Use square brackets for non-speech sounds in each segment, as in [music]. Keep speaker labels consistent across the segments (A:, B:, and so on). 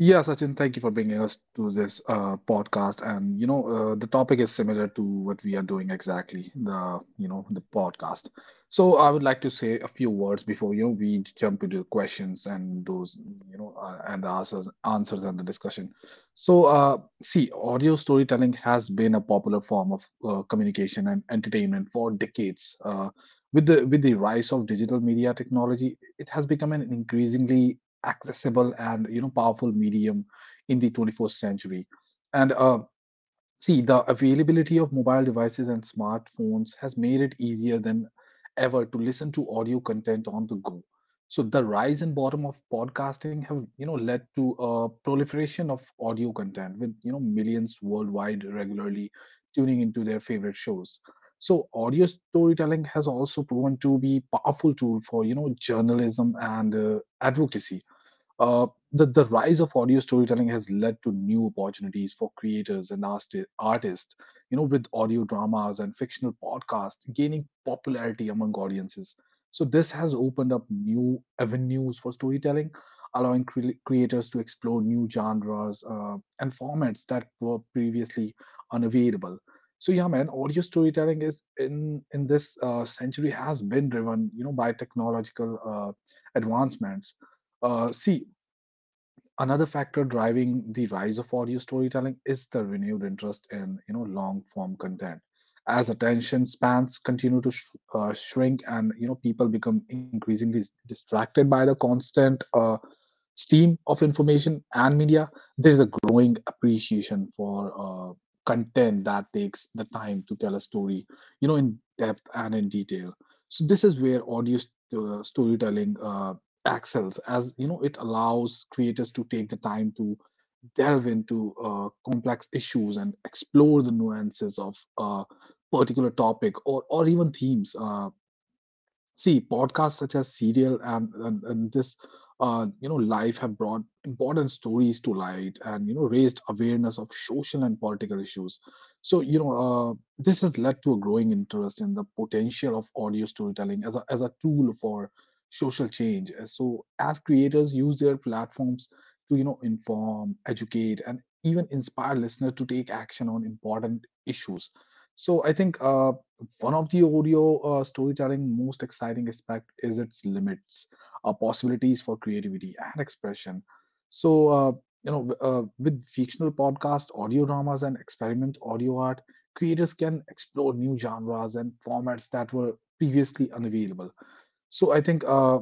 A: Yeah, Sachin, thank you for bringing us to this podcast. And the topic is similar to what we are doing exactly, the podcast. So I would like to say a few words before we jump into questions and those you know and the answers and the discussion. So see, audio storytelling has been a popular form of communication and entertainment for decades. With the with the rise of digital media technology, it has become an increasingly accessible and powerful medium in the 21st century, and see, the availability of mobile devices and smartphones has made it easier than ever to listen to audio content on the go. So the rise and bottom of podcasting have led to a proliferation of audio content, with millions worldwide regularly tuning into their favorite shows. So audio storytelling has also proven to be powerful tool for journalism and advocacy. uh, the rise of audio storytelling has led to new opportunities for creators and artists, you know, with audio dramas and fictional podcasts gaining popularity among audiences. So, this has opened up new avenues for storytelling, allowing creators to explore new genres and formats that were previously unavailable. So, yeah, man, audio storytelling is in this century has been driven, you know, by technological advancements. See, another factor driving the rise of audio storytelling is the renewed interest in long form content. As attention spans continue to shrink and people become increasingly distracted by the constant steam of information and media, there is a growing appreciation for content that takes the time to tell a story, you know, in depth and in detail. So this is where storytelling excels, as it allows creators to take the time to delve into complex issues and explore the nuances of a particular topic, or even themes. See, podcasts such as Serial and, and this, Life have brought important stories to light and, you know, raised awareness of social and political issues. So, this has led to a growing interest in the potential of audio storytelling as a tool for social change. So, as creators use their platforms to, you know, inform, educate, and even inspire listeners to take action on important issues. So, I think one of the audio storytelling most exciting aspect is its limits, possibilities for creativity and expression. So, with fictional podcast, audio dramas, and experiment audio art, creators can explore new genres and formats that were previously unavailable. So, I think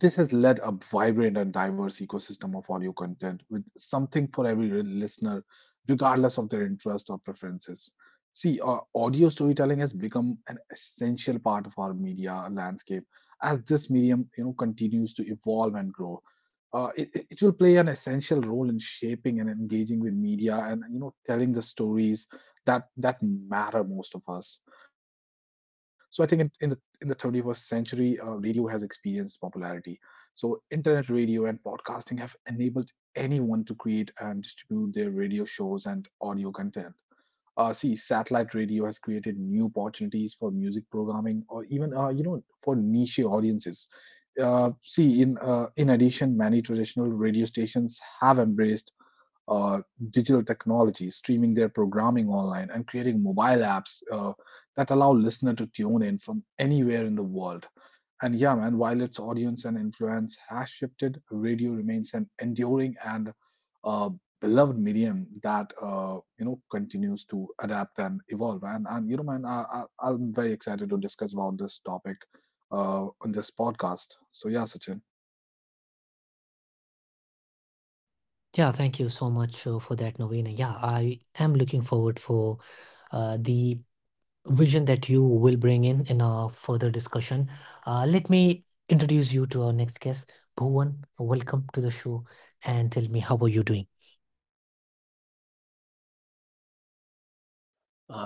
A: this has led a vibrant and diverse ecosystem of audio content, with something for every listener, regardless of their interest or preferences. See, audio storytelling has become an essential part of our media landscape, as this medium, you know, continues to evolve and grow. It will play an essential role in shaping and engaging with media, and telling the stories that matter most of us. So I think in the 21st century, radio has experienced popularity. So, internet radio and podcasting have enabled anyone to create and distribute their radio shows and audio content. See, satellite radio has created new opportunities for music programming, or even, for niche audiences. See, in In addition, many traditional radio stations have embraced uh, digital technology, streaming their programming online, and creating mobile apps that allow listener to tune in from anywhere in the world. And yeah, man, while its audience and influence has shifted, radio remains an enduring and uh, beloved medium that continues to adapt and evolve. And you know, man, I'm very excited to discuss about this topic on this podcast. So yeah, Sachin.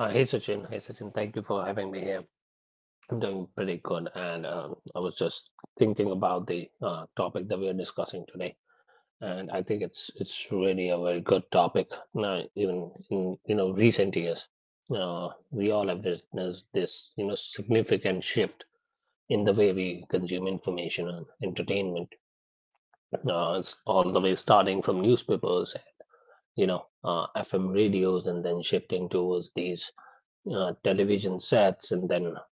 B: Hey Sachin, thank you for having me here. I'm doing pretty good, and I was just thinking about the topic that we are discussing today, and I think it's really a very good topic. Even in you know recent years, we all have witnessed this you know significant shift in the way we consume information and entertainment. It's all the way starting from newspapers, you know, FM radios, and then shifting towards these television sets, and then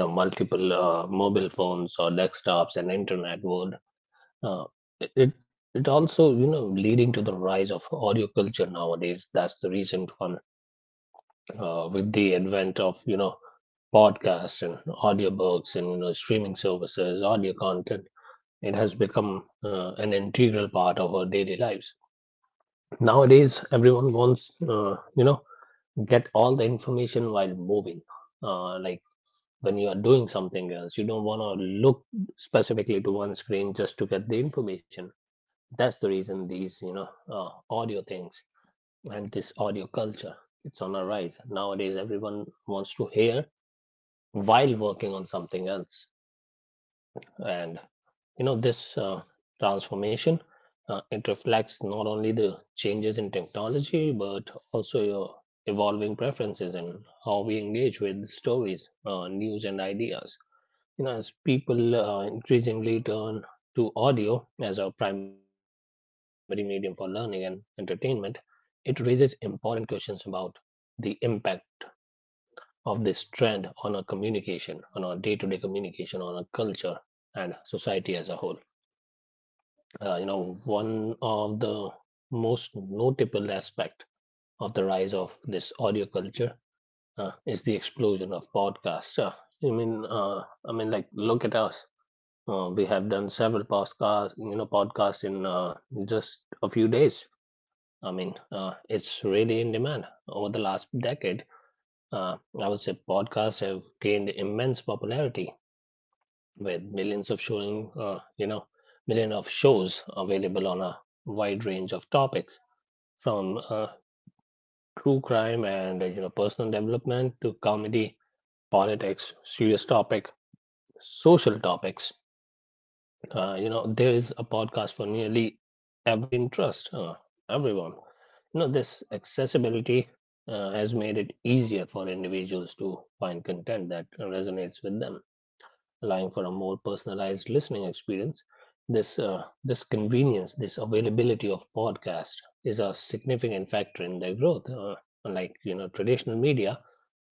B: you know multiple mobile phones or desktops and internet would uh, it it it also you know leading to the rise of audio culture nowadays. That's the recent one with the advent of you know podcasts and audiobooks and you know streaming services audio content. It has become an integral part of our daily lives. Nowadays everyone wants you know get all the information while moving, like when you are doing something else you don't want to look specifically to one screen just to get the information. That's the reason these you know audio things and this audio culture, it's on a rise. Nowadays everyone wants to hear while working on something else, and you know this transformation, it reflects not only the changes in technology but also your evolving preferences and how we engage with stories, news and ideas. You know, as people increasingly turn to audio as our primary medium for learning and entertainment, it raises important questions about the impact of this trend on our communication, on our day to day communication, on our culture and society as a whole. You know, one of the most notable aspect of the rise of this audio culture is the explosion of podcasts. I mean, uh, I mean, like, look at us. We have done several podcasts, you know, podcasts in just a few days. I mean, it's really in demand. Over the last decade, uh, I would say podcasts have gained immense popularity with millions of showing, you know, million of shows available on a wide range of topics, from true crime and you know personal development to comedy, politics, serious topic, social topics. You know there is a podcast for nearly every interest, everyone. You know this accessibility has made it easier for individuals to find content that resonates with them, allowing for a more personalized listening experience. This convenience, this availability of podcast is a significant factor in their growth, unlike you know traditional media.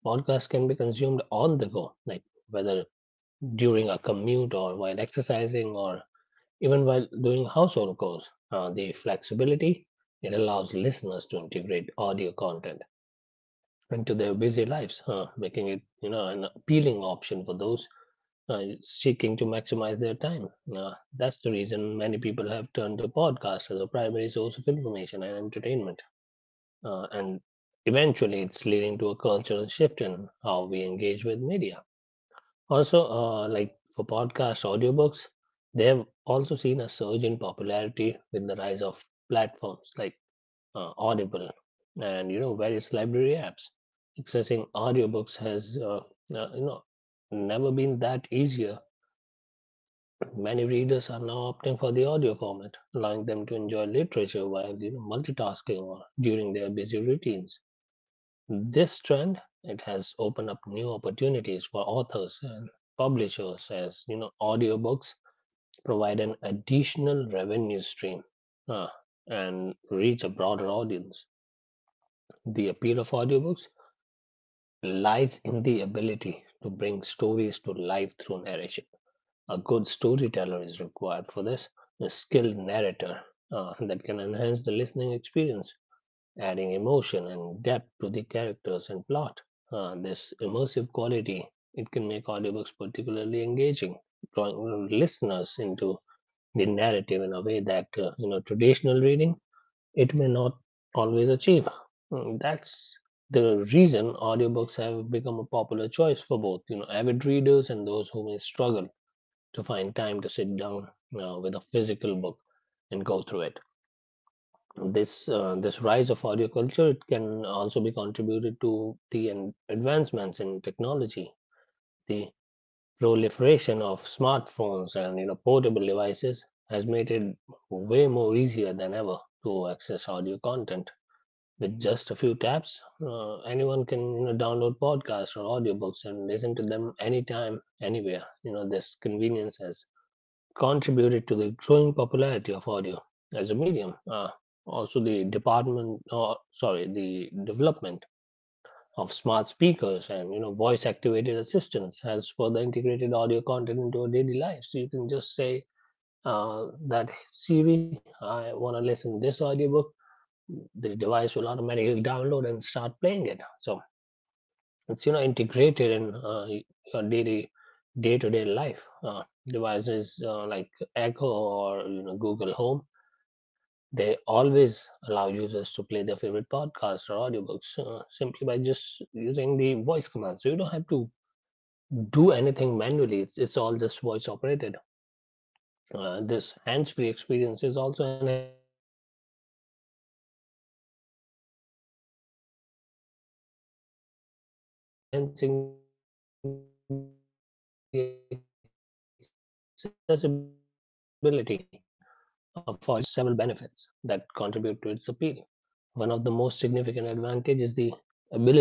B: Podcasts can be consumed on the go, like whether during a commute or while exercising or even while doing household chores. The flexibility, it allows listeners to integrate audio content into their busy lives, making it you know an appealing option for those seeking to maximize their time. Uh, that's the reason many people have turned to podcasts as a primary source of information and entertainment, and eventually it's leading to a cultural shift in how we engage with media. Also, like for podcasts, audiobooks, they have also seen a surge in popularity with the rise of platforms like Audible and you know various library apps. Accessing audiobooks has you know never been that easier. Many readers are now opting for the audio format, allowing them to enjoy literature while you know multitasking or during their busy routines. This trend, it has opened up new opportunities for authors and publishers, as you know audiobooks provide an additional revenue stream uh, and reach a broader audience. The appeal of audiobooks lies in the ability to bring stories to life through narration. A good storyteller is required for this, a skilled narrator that can enhance the listening experience, adding emotion and depth to the characters and plot. This immersive quality, it can make audiobooks particularly engaging, drawing listeners into the narrative in a way that you know traditional reading, it may not always achieve. Mm, that's the reason audiobooks have become a popular choice for both you know avid readers and those who may struggle to find time to sit down with a physical book and go through it. This rise of audio culture, it can also be contributed to the advancements in technology. The proliferation of smartphones and you know portable devices has made it way more easier than ever to access audio content. With just a few taps, anyone can you know download podcasts or audiobooks and listen to them anytime, anywhere. You know this convenience has contributed to the growing popularity of audio as a medium. Also, the department, or sorry, the development of smart speakers and you know voice-activated assistants has further integrated audio content into our daily lives. So you can just say that Siri, I want to listen to this audiobook. The device will automatically download and start playing it. So it's you know integrated in your daily day-to-day life devices like Echo or you know Google Home. They always allow users to play their favorite podcasts or audiobooks simply by just using the voice command, so you don't have to do anything manually. It's all just voice operated. This hands-free experience is also enhancing the accessibility of audio content, making it even more attractive, uh, you know option an attractive option for consumers. This rise of horticulture, it offers several benefits that contribute to its appeal. One of the most significant advantages is the ability to consume content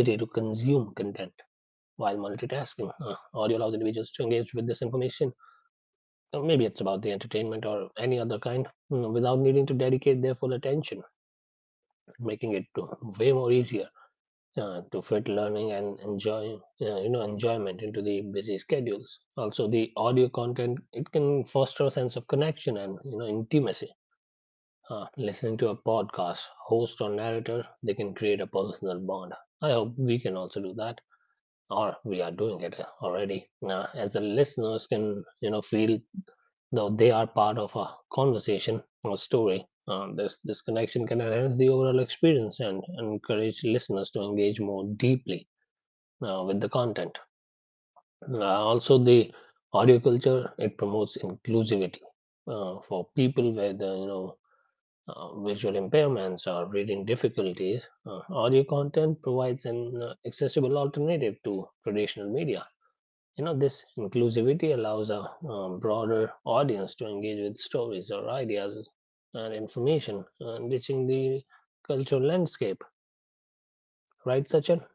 B: while multitasking. Audio allows individuals to engage with this information. Maybe it's about the entertainment or any other kind, mm, without needing to dedicate their full attention, making it to way more easier to fit learning and enjoy you know enjoyment into the busy schedules. Also the audio content, it can foster a sense of connection and you know intimacy. Listening to a podcast host or narrator, they can create a personal bond. I hope we can also do that, or we are doing it already, as the listeners can you know feel though they are part of a conversation or story. This connection can enhance the overall experience and encourage listeners to engage more deeply with the content. Also, the audio culture, it promotes inclusivity for people with you know visual impairments or reading difficulties. Audio content provides an accessible alternative to traditional media. You know, this inclusivity allows a broader audience to engage with stories or ideas and information, enriching the cultural landscape. Right, Sachin?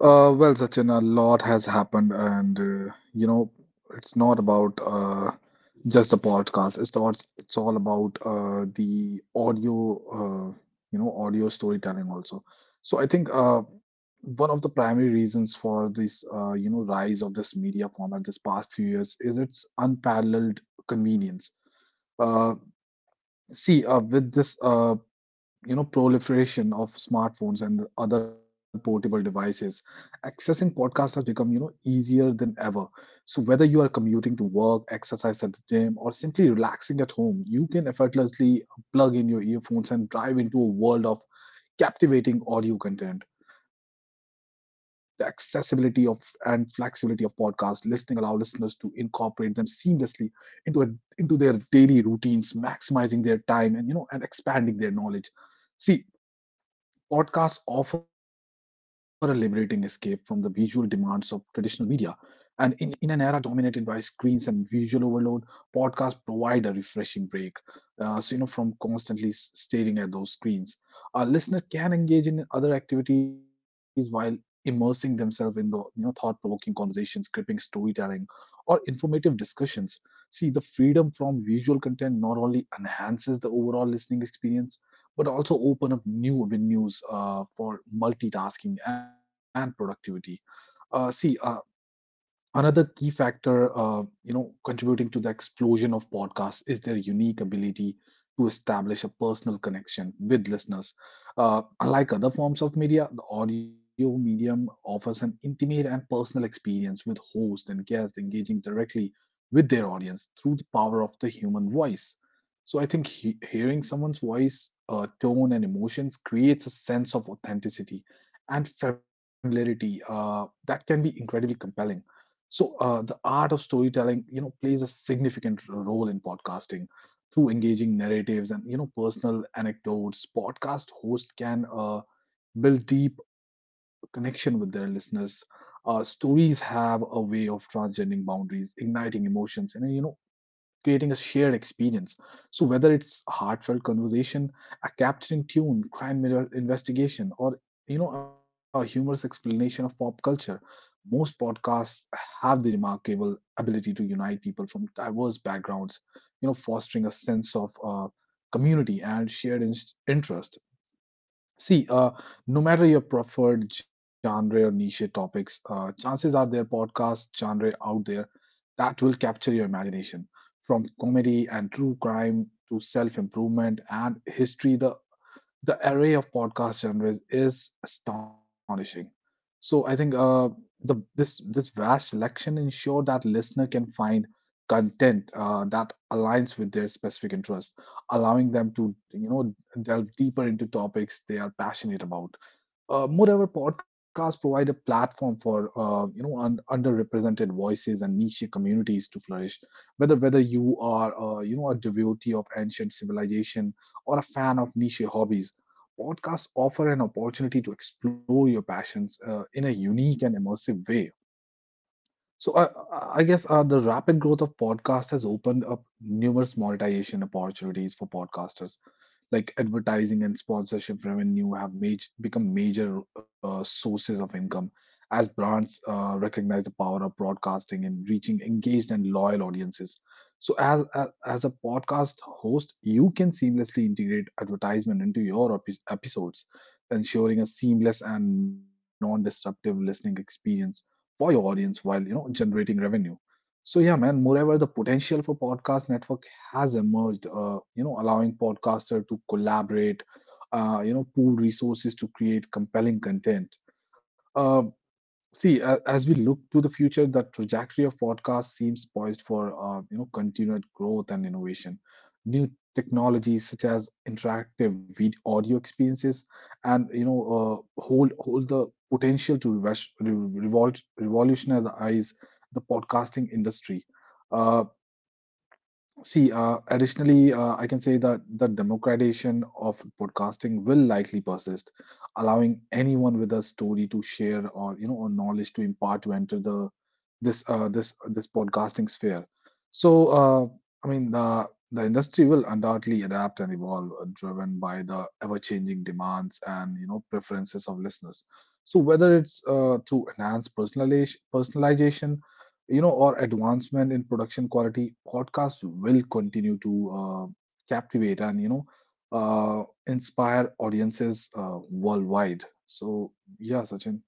A: Well, Sachin, a lot has happened, and it's not about just the podcast. It's all about the audio, audio storytelling also. So I think one of the primary reasons for this, rise of this media format this past few years is its unparalleled convenience. Uh, with this proliferation of smartphones and other portable devices, accessing podcasts has become easier than ever. So whether you are commuting to work, exercise at the gym, or simply relaxing at home, you can effortlessly plug in your earphones and dive into a world of captivating audio content. The accessibility of and flexibility of podcast listening allow listeners to incorporate them seamlessly into a, into their daily routines, maximizing their time, and and expanding their knowledge. See, podcasts offer a liberating escape from the visual demands of traditional media. And in an era dominated by screens and visual overload, podcasts provide a refreshing break. So, you know, from constantly staring at those screens, a listener can engage in other activities while immersing themselves in the, you know, thought-provoking conversations, gripping storytelling, or informative discussions. See, the freedom from visual content not only enhances the overall listening experience, but also open up new avenues for multitasking and productivity. Uh, see, uh, Another key factor, contributing to the explosion of podcasts is their unique ability to establish a personal connection with listeners. Unlike other forms of media, the audio medium offers an intimate and personal experience, with host and guest engaging directly with their audience through the power of the human voice. So I think hearing someone's voice, tone, and emotions creates a sense of authenticity and familiarity that can be incredibly compelling. So the art of storytelling, you know, plays a significant role in podcasting through engaging narratives and personal anecdotes. Podcast hosts can build deep connection with their listeners. Stories have a way of transcending boundaries, igniting emotions, and creating a shared experience. So whether it's heartfelt conversation, a capturing tune, crime investigation, or a humorous explanation of pop culture, most podcasts have the remarkable ability to unite people from diverse backgrounds, you know, fostering a sense of community and shared interest. See, no matter your preferred genre or niche topics, chances are there podcast genre out there that will capture your imagination. From comedy and true crime to self-improvement and history, the array of podcast genres is astonishing. So I think the this this vast selection ensure that listener can find content that aligns with their specific interest, allowing them to delve deeper into topics they are passionate about. Moreover, podcasts provide a platform for underrepresented voices and niche communities to flourish. Whether you are a devotee of ancient civilization or a fan of niche hobbies, podcasts offer an opportunity to explore your passions in a unique and immersive way. So I guess the rapid growth of podcasts has opened up numerous monetization opportunities for podcasters, like advertising and sponsorship revenue have become major sources of income, as brands recognize the power of broadcasting and reaching engaged and loyal audiences. So as a podcast host, you can seamlessly integrate advertisement into your episodes, ensuring a seamless and non-disruptive listening experience for your audience while generating revenue. So yeah, man. Moreover, the potential for podcast network has emerged, you know, allowing podcaster to collaborate, pool resources to create compelling content. Uh, See, as we look to the future, the trajectory of podcasts seems poised for continued growth and innovation. New technologies such as interactive video audio experiences and hold the potential to revolutionize the podcasting industry. Uh, See, additionally, I can say that the democratization of podcasting will likely persist, allowing anyone with a story to share or or knowledge to impart to enter the this this this podcasting sphere. So, I mean, the industry will undoubtedly adapt and evolve, driven by the ever-changing demands and preferences of listeners. So, whether it's to enhance personalization, you know, or advancement in production quality, podcasts will continue to captivate and, uh, inspire audiences worldwide. So, yeah, Sachin.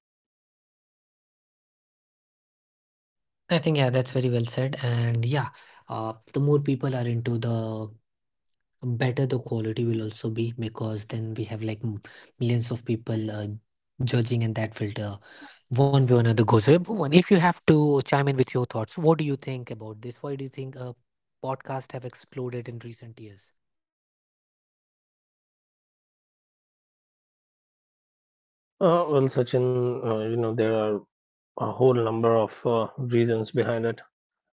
B: Well, Sachin, you know, there are a whole number of reasons behind it.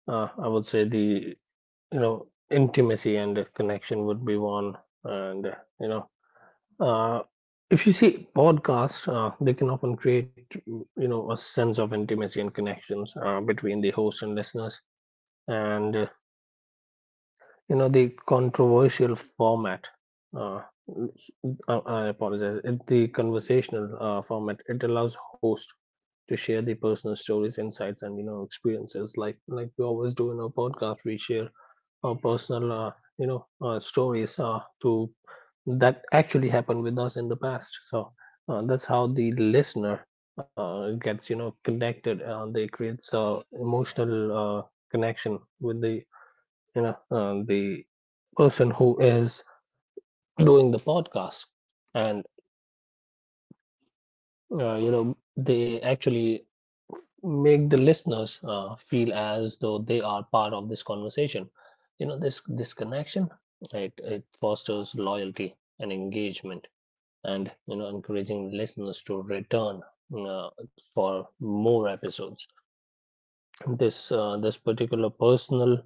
B: I would say the, you know, intimacy and the connection would be one. And, you know, uh, if you see podcasts, they can often create, you know, a sense of intimacy and connections between the host and listeners. And, you know the controversial format, uh, I apologize it, the conversational format, it allows host to share the personal stories, insights and you know experiences, like we always do in our podcast, we share our personal you know stories to that actually happened with us in the past. So that's how the listener gets you know connected. They creates a emotional uh, connection with the you know the person who is doing the podcast. And you know they actually make the listeners feel as though they are part of this conversation. You know this this connection, it fosters loyalty and engagement and you know encouraging listeners to return uh, for more episodes. This particular personal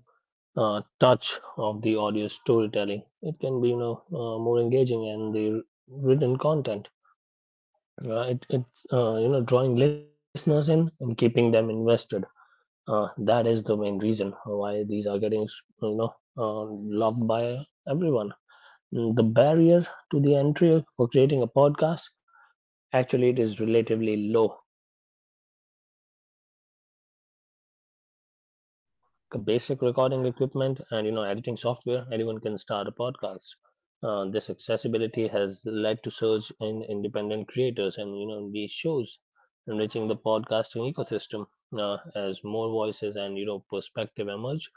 B: touch of the audio storytelling, it can be you know more engaging and the written content. It, it's you know drawing listeners in and keeping them invested. That is the main reason why these are getting you know loved by everyone. Mm, the barrier to the entry for creating a podcast, actually it is relatively low compared to other forms of media. With basic recording equipment and you know editing software, anyone can start a podcast. This accessibility has led to surge in independent creators and you know these shows, enriching the podcasting ecosystem as more voices and you know perspective emerge.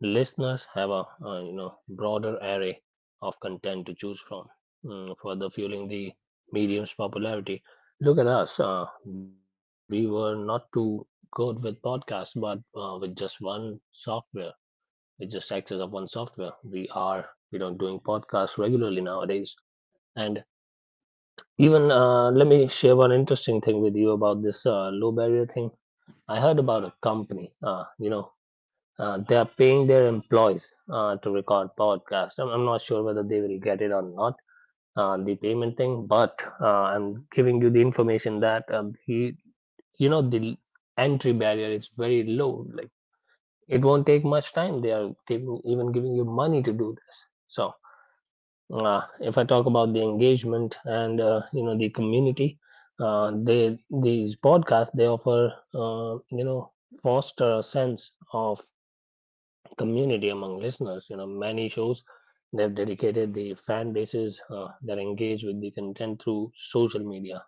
B: Listeners have a you know broader array of content to choose from, mm, further fueling the medium's popularity. Look at us. We were not too good with podcasts, but with just one software, with just access of one software, we are you know doing podcasts regularly nowadays. And even let me share one interesting thing with you about this low barrier thing. I heard about a company, they are paying their employees to record podcasts. I'm not sure whether they will get it or not, the payment thing, but I'm giving you the information that the entry barrier is very low. Like it won't take much time. They are giving, even giving you money to do this. So if I talk about the engagement and, you know, the community, they, these podcasts, they offer, you know, foster a sense of community among listeners. You know, many shows they've dedicated the fan bases that engage with the content through social media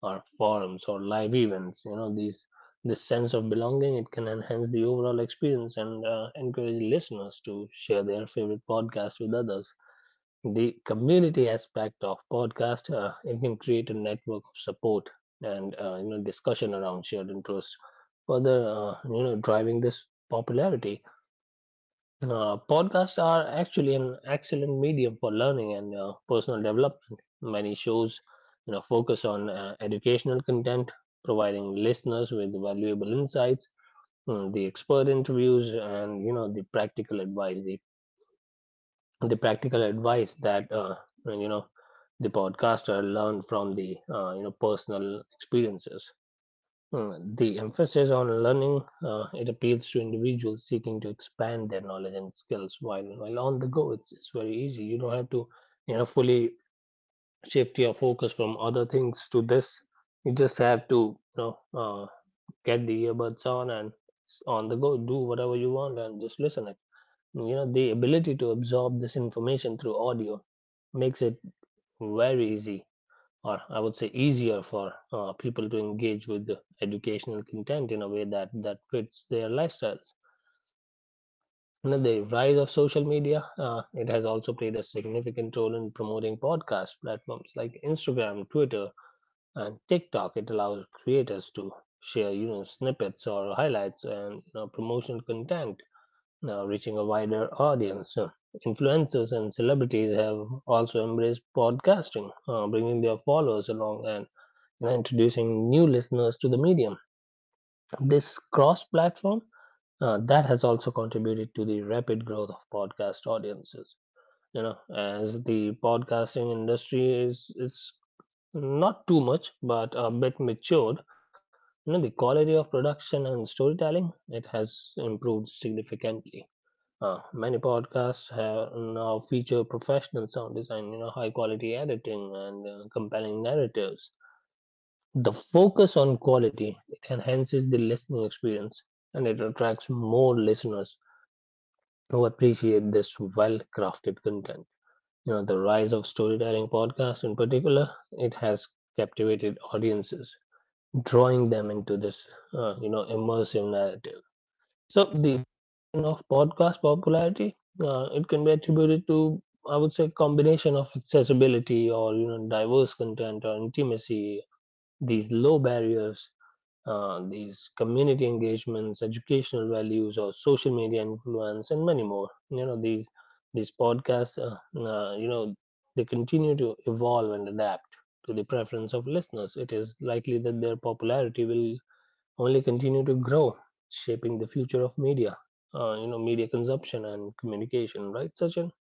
B: or forums or live events. You know, these this sense of belonging it can enhance the overall experience and encourage listeners to share their favorite podcast with others. The community aspect of podcast it can create a network of support and you know discussion around shared interests. Further, you know, driving this popularity podcasts are actually an excellent medium for learning and personal development. Many shows, you know, focus on educational content, providing listeners with valuable insights, the expert interviews, and you know, the practical advice. The practical advice that you know the podcaster learned from the personal experiences. The emphasis on learning it appeals to individuals seeking to expand their knowledge and skills while on the go. It's very easy. You don't have to fully shift your focus from other things to this. You just have to you know uh, get the earbuds on and it's on the go. Do whatever you want and just listen it. You know the ability to absorb this information through audio makes it very easy or I would say easier for people to engage with the educational content in a way that fits their lifestyles. Now, the rise of social media it has also played a significant role in promoting podcast platforms like Instagram, Twitter, and TikTok. It allows creators to share snippets or highlights and you know, promotional content, now reaching a wider audience. So, influencers and celebrities have also embraced podcasting, bringing their followers along and introducing new listeners to the medium. This cross platform that has also contributed to the rapid growth of podcast audiences. You know, as the podcasting industry is not too much, but a bit matured. You know, the quality of production and storytelling it has improved significantly. Many podcasts have now feature professional sound design, you know, high quality editing and compelling narratives. The focus on quality it enhances the listening experience and it attracts more listeners who appreciate this well-crafted content. You know, the rise of storytelling podcasts in particular, it has captivated audiences, drawing them into this, you know, immersive narrative. So the of podcast popularity, it can be attributed to, I would say, combination of accessibility or you know diverse content or intimacy, these low barriers these community engagements, educational values, or social media influence, and many more. You know these podcasts. You know they continue to evolve and adapt to the preference of listeners. It is likely that their popularity will only continue to grow, shaping the future of media. You know media consumption and communication. Right, Sachin?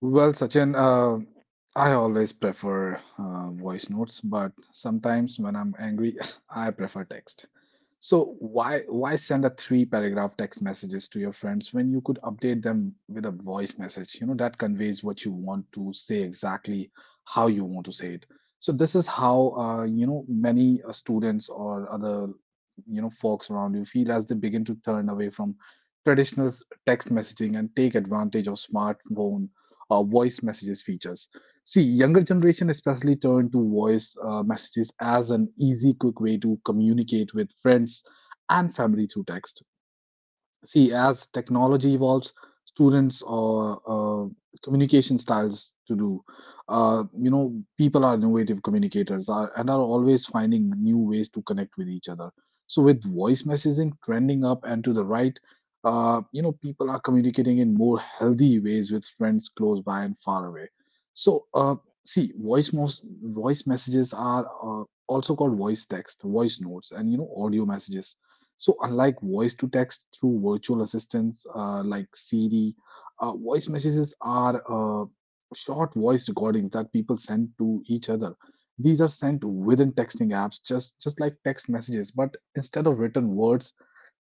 A: Well, Sachin, I always prefer voice notes, but sometimes when I'm angry, [laughs] I prefer text. So why send a three paragraph text messages to your friends when you could update them with a voice message? You know, that conveys what you want to say exactly how you want to say it. So this is how you know many students or other you know folks around you feel as they begin to turn away from traditional text messaging and take advantage of smartphone or voice messages features. See, younger generation especially turn to voice messages as an easy, quick way to communicate with friends and family through text. See, as technology evolves, students or communication styles to do you know people are innovative communicators are, and are always finding new ways to connect with each other. So with voice messaging trending up and to the right, you know people are communicating in more healthy ways with friends close by and far away. So see, voice, most voice messages are also called voice text, voice notes, and you know audio messages. So, unlike voice to text through virtual assistants like Siri, voice messages are short voice recordings that people send to each other. These are sent within texting apps, just like text messages, but instead of written words,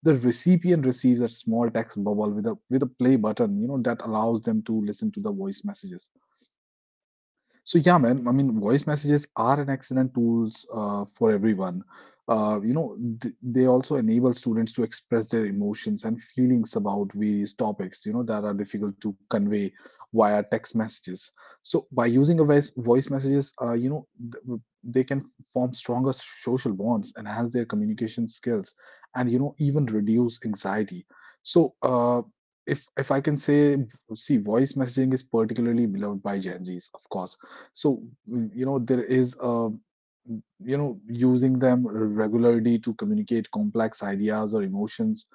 A: the recipient receives a small text bubble with a play button, you know, that allows them to listen to the voice messages. So yeah, man. I mean, voice messages are an excellent tools for everyone. You know, they also enable students to express their emotions and feelings about various topics, you know, that are difficult to convey via text messages. So by using a voice messages, you know, they can form stronger social bonds, enhance their communication skills, and you know, even reduce anxiety. So, if I can say, see, voice messaging is particularly beloved by Gen Zs, of course. So, you know, there is a, you know, using them regularly to communicate complex ideas or emotions,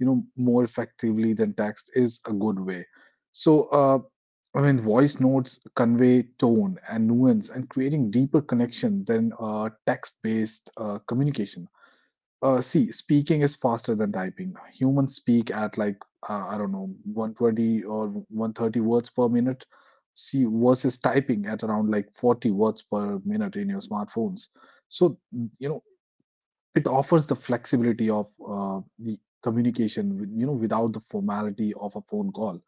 A: you know, more effectively than text is a good way. So, I mean, voice notes convey tone and nuance and creating deeper connection than text-based communication. See, speaking is faster than typing. Humans speak at like I don't know, 120 or 130 words per minute. See, versus typing at around like 40 words per minute in your smartphones. So, you know, it offers the flexibility of the communication, you know, without the formality of a phone call.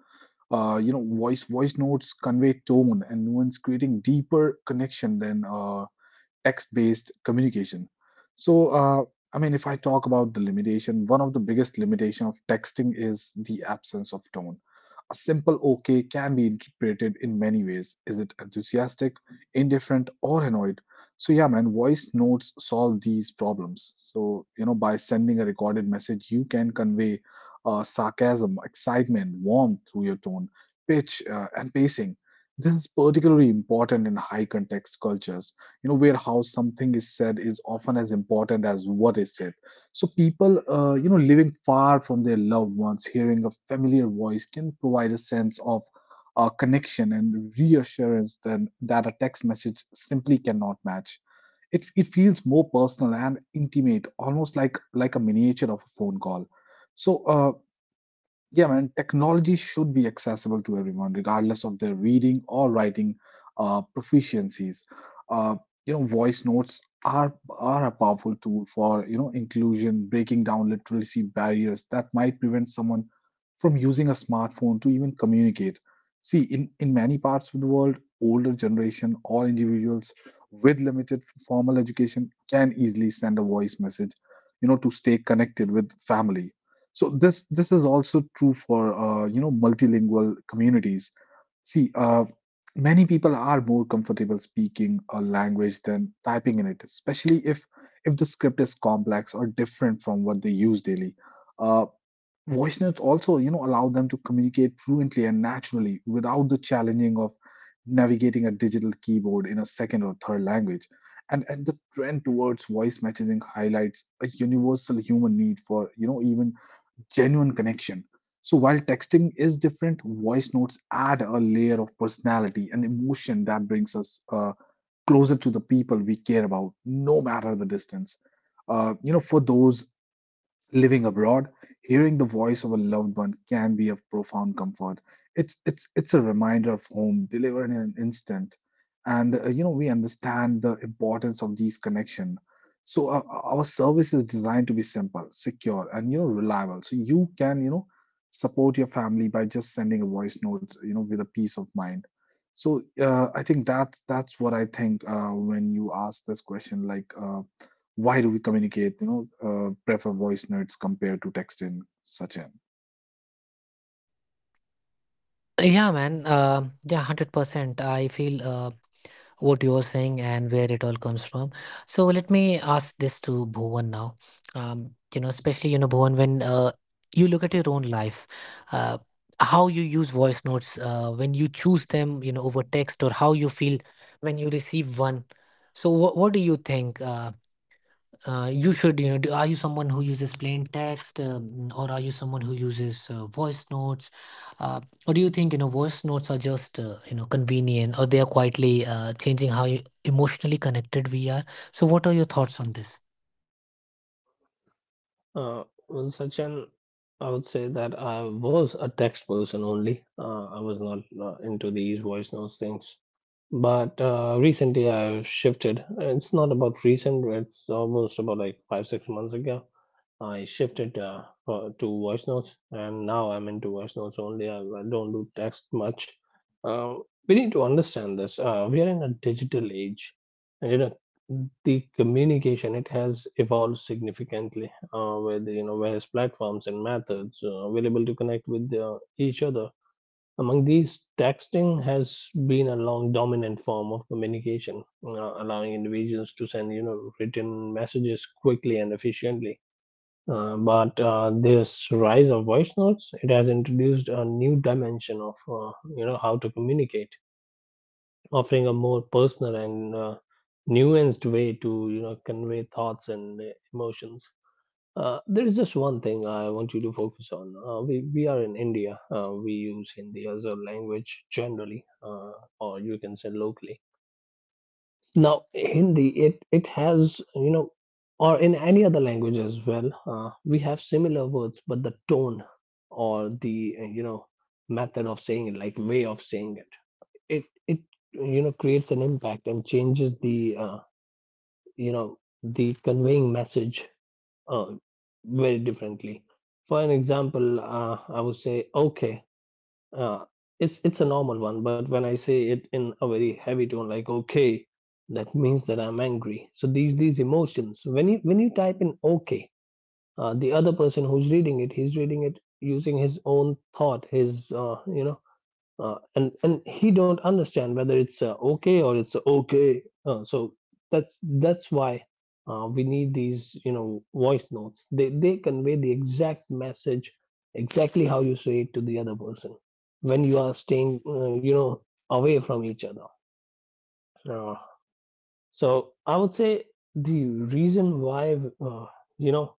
A: You know, voice notes convey tone and nuance, creating deeper connection than text-based communication. So, I mean, if I talk about the limitation, one of the biggest limitation of texting is the absence of tone. A simple OK can be interpreted in many ways. Is it enthusiastic, indifferent, or annoyed? So, yeah, man, voice notes solve these problems. So, you know, by sending a recorded message, you can convey sarcasm, excitement, warmth through your tone, pitch, and pacing. This is particularly important in high context cultures, you know, where how something is said is often as important as what is said. So people, you know, living far from their loved ones, hearing a familiar voice can provide a sense of connection and reassurance than, that a text message simply cannot match. It feels more personal and intimate, almost like a miniature of a phone call. So yeah, man, technology should be accessible to everyone, regardless of their reading or writing proficiencies. Uh, you know, voice notes are a powerful tool for you know inclusion, breaking down literacy barriers that might prevent someone from using a smartphone to even communicate. See, in many parts of the world, older generation or individuals with limited formal education can easily send a voice message, you know, to stay connected with family. So this is also true for you know multilingual communities. See, many people are more comfortable speaking a language than typing in it, especially if the script is complex or different from what they use daily. Uh, Voice notes also you know allow them to communicate fluently and naturally without the challenging of navigating a digital keyboard in a second or third language. And the trend towards voice messaging highlights a universal human need for you know even genuine connection. So while texting is different, voice notes add a layer of personality and emotion that brings us closer to the people we care about, no matter the distance. You know, for those living abroad, hearing the voice of a loved one can be of profound comfort. It's a reminder of home, delivered in an instant, and you know we understand the importance of these connection. So our service is designed to be simple, secure, and you know reliable. So you can you know support your family by just sending a voice note, you know, with a peace of mind. So I think that's what I think when you ask this question, like. Why do we communicate you know prefer voice notes compared to texting, Sachin?
B: Well, Sachin. I would say that I was a text person only. I was not into these voice notes things. But recently I've shifted. It's not about recent, it's almost about like five, 6 months ago. I shifted to voice notes, and now I'm into voice notes only. I don't do text much. Uh, we need to understand this. We are in a digital age, and you know the communication it has evolved significantly with you know various platforms and methods available to connect with each other. Among these, texting has been a long dominant form of communication, allowing individuals to send, you know, written messages quickly and efficiently. But this rise of voice notes, it has introduced a new dimension of, you know, how to communicate, offering a more personal and nuanced way to, you know, convey thoughts and emotions. There is just one thing I want you to focus on. We are in India. We use Hindi as a language generally, or you can say locally. Now, Hindi it has you know, or in any other language as well, we have similar words, but the tone or the method of saying it, like way of saying it, it you know creates an impact and changes the the conveying message uh, very differently. For an example, I would say, okay, uh, it's a normal one, but when I say it in a very heavy tone, like okay, that means that I'm angry. So these emotions, when you type in okay, the other person who's reading it, he's reading it using his own thought, his and he don't understand whether it's okay or it's okay so that's why we need these you know voice notes they convey the exact message exactly how you say it to the other person when you are staying you know away from each other. Uh, so i would say the reason why uh, you know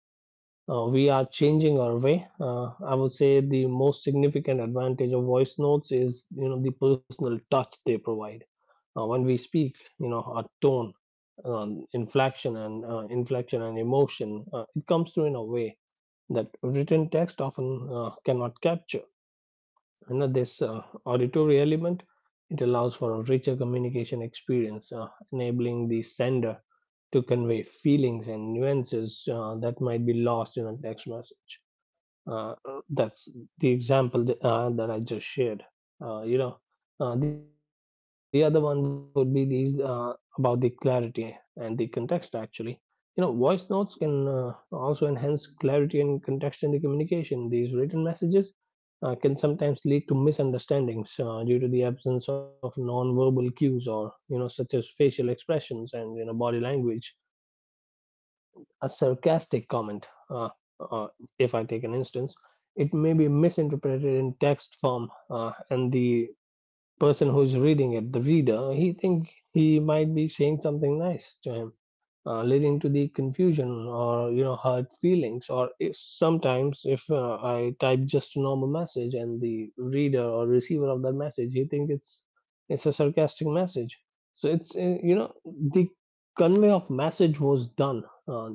B: we are changing our way. I would say the most significant advantage of voice notes is you know the personal touch they provide. When we speak, you know our tone, inflection, and emotion, it comes through in a way that written text often cannot capture. And this auditory element it allows for a richer communication experience, enabling the sender to convey feelings and nuances that might be lost in a text message. That's the example that, that I just shared. Uh, you know, the other one would be these about the clarity and the context. Actually, you know, voice notes can also enhance clarity and context in the communication. These written messages can sometimes lead to misunderstandings due to the absence of non-verbal cues or you know, such as facial expressions and you know, body language. A sarcastic comment, uh, if I take an instance, it may be misinterpreted in text form, and the person who's reading it, the reader, he think he might be saying something nice to him, leading to the confusion or you know hurt feelings or if sometimes if I type just a normal message and the reader or receiver of that message he think it's a sarcastic message. So it's you know the convey of message was done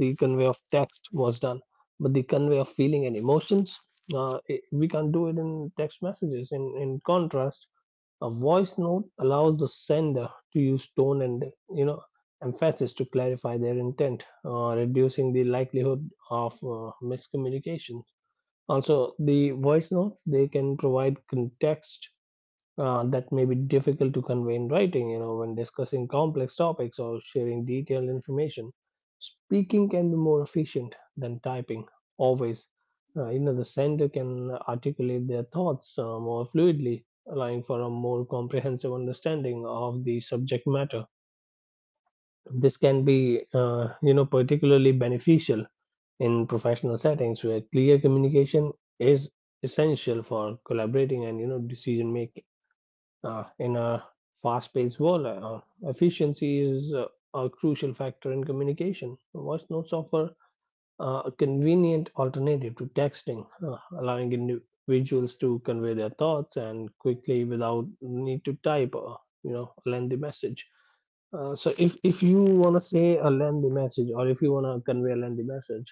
B: the convey of text was done but the convey of feeling and emotions it, we can't do it in text messages. In contrast a voice note allows the sender to use tone and you know emphasis to clarify their intent, reducing the likelihood of miscommunication. Also, the voice notes they can provide context that may be difficult to convey in writing, you know, when discussing complex topics or sharing detailed information. Speaking can be more efficient than typing, always. You know, the sender can articulate their thoughts more fluidly, allowing for a more comprehensive understanding of the subject matter. This can be, you know, particularly beneficial in professional settings where clear communication is essential for collaborating and, you know, decision making. In a fast-paced world, efficiency is a crucial factor in communication. Voice notes offer a convenient alternative to texting, allowing individuals to convey their thoughts and quickly without need to type a you know lengthy message. So if you want to say a lengthy message or if you want to convey a lengthy message,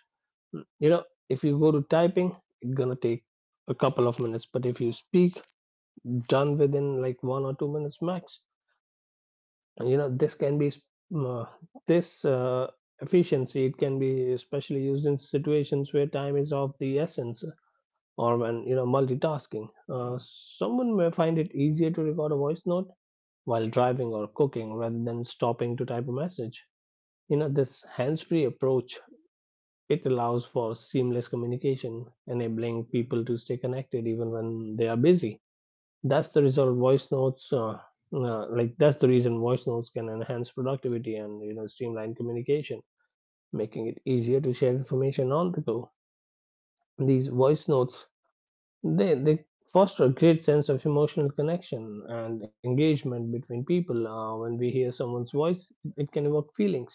B: you know if you go to typing, it's gonna take a couple of minutes. But if you speak done within like 1 or 2 minutes max. And you know, this can be sp- uh, this efficiency. It can be especially used in situations where time is of the essence, or when you know multitasking. Someone may find it easier to record a voice note while driving or cooking rather than stopping to type a message. You know, this hands-free approach it allows for seamless communication, enabling people to stay connected even when they are busy. That's the result. Voice notes, like that's the reason voice notes can enhance productivity and you know streamline communication, making it easier to share information on the go. These voice notes they foster a great sense of emotional connection and engagement between people. When we hear someone's voice, it can evoke feelings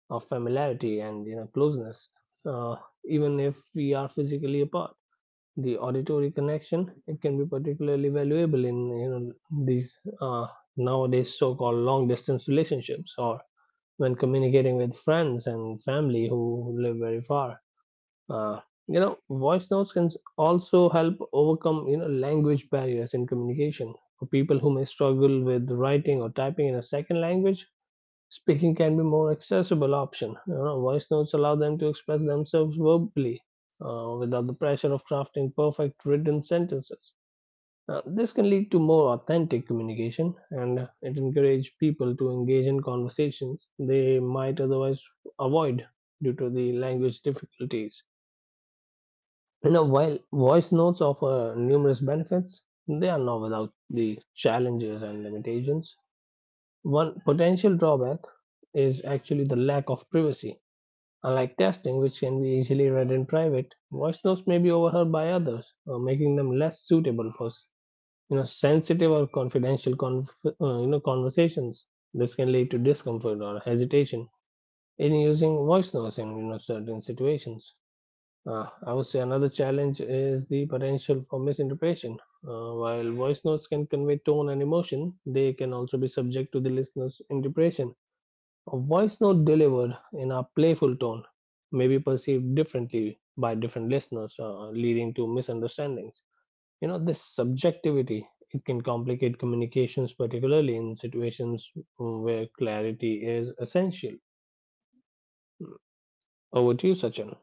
B: of familiarity and you know closeness, uh, even if we are physically apart. The auditory connection it can be particularly valuable in you know these uh, nowadays so-called long distance relationships or when communicating with friends and family who live very far. uh, you know voice notes can also help overcome you know language barriers in communication for people who may struggle with writing or typing in a second language. Speaking can be more accessible option. You know, voice notes allow them to express themselves verbally without the pressure of crafting perfect written sentences. This can lead to more authentic communication and it encourages people to engage in conversations they might otherwise avoid due to the language difficulties. You know, while voice notes offer numerous benefits, they are not without the challenges and limitations. One potential drawback is actually the lack of privacy. Unlike texting, which can be easily read in private, voice notes may be overheard by others, making them less suitable for you know sensitive or you know conversations. This can lead to discomfort or hesitation in using voice notes in you know certain situations. I would say another challenge is the potential for misinterpretation. While voice notes can convey tone and emotion, they can also be subject to the listener's interpretation. A voice note delivered in a playful tone may be perceived differently by different listeners, leading to misunderstandings. You know, this subjectivity it can complicate communications, particularly in situations where clarity is essential. Over to you, Sachin.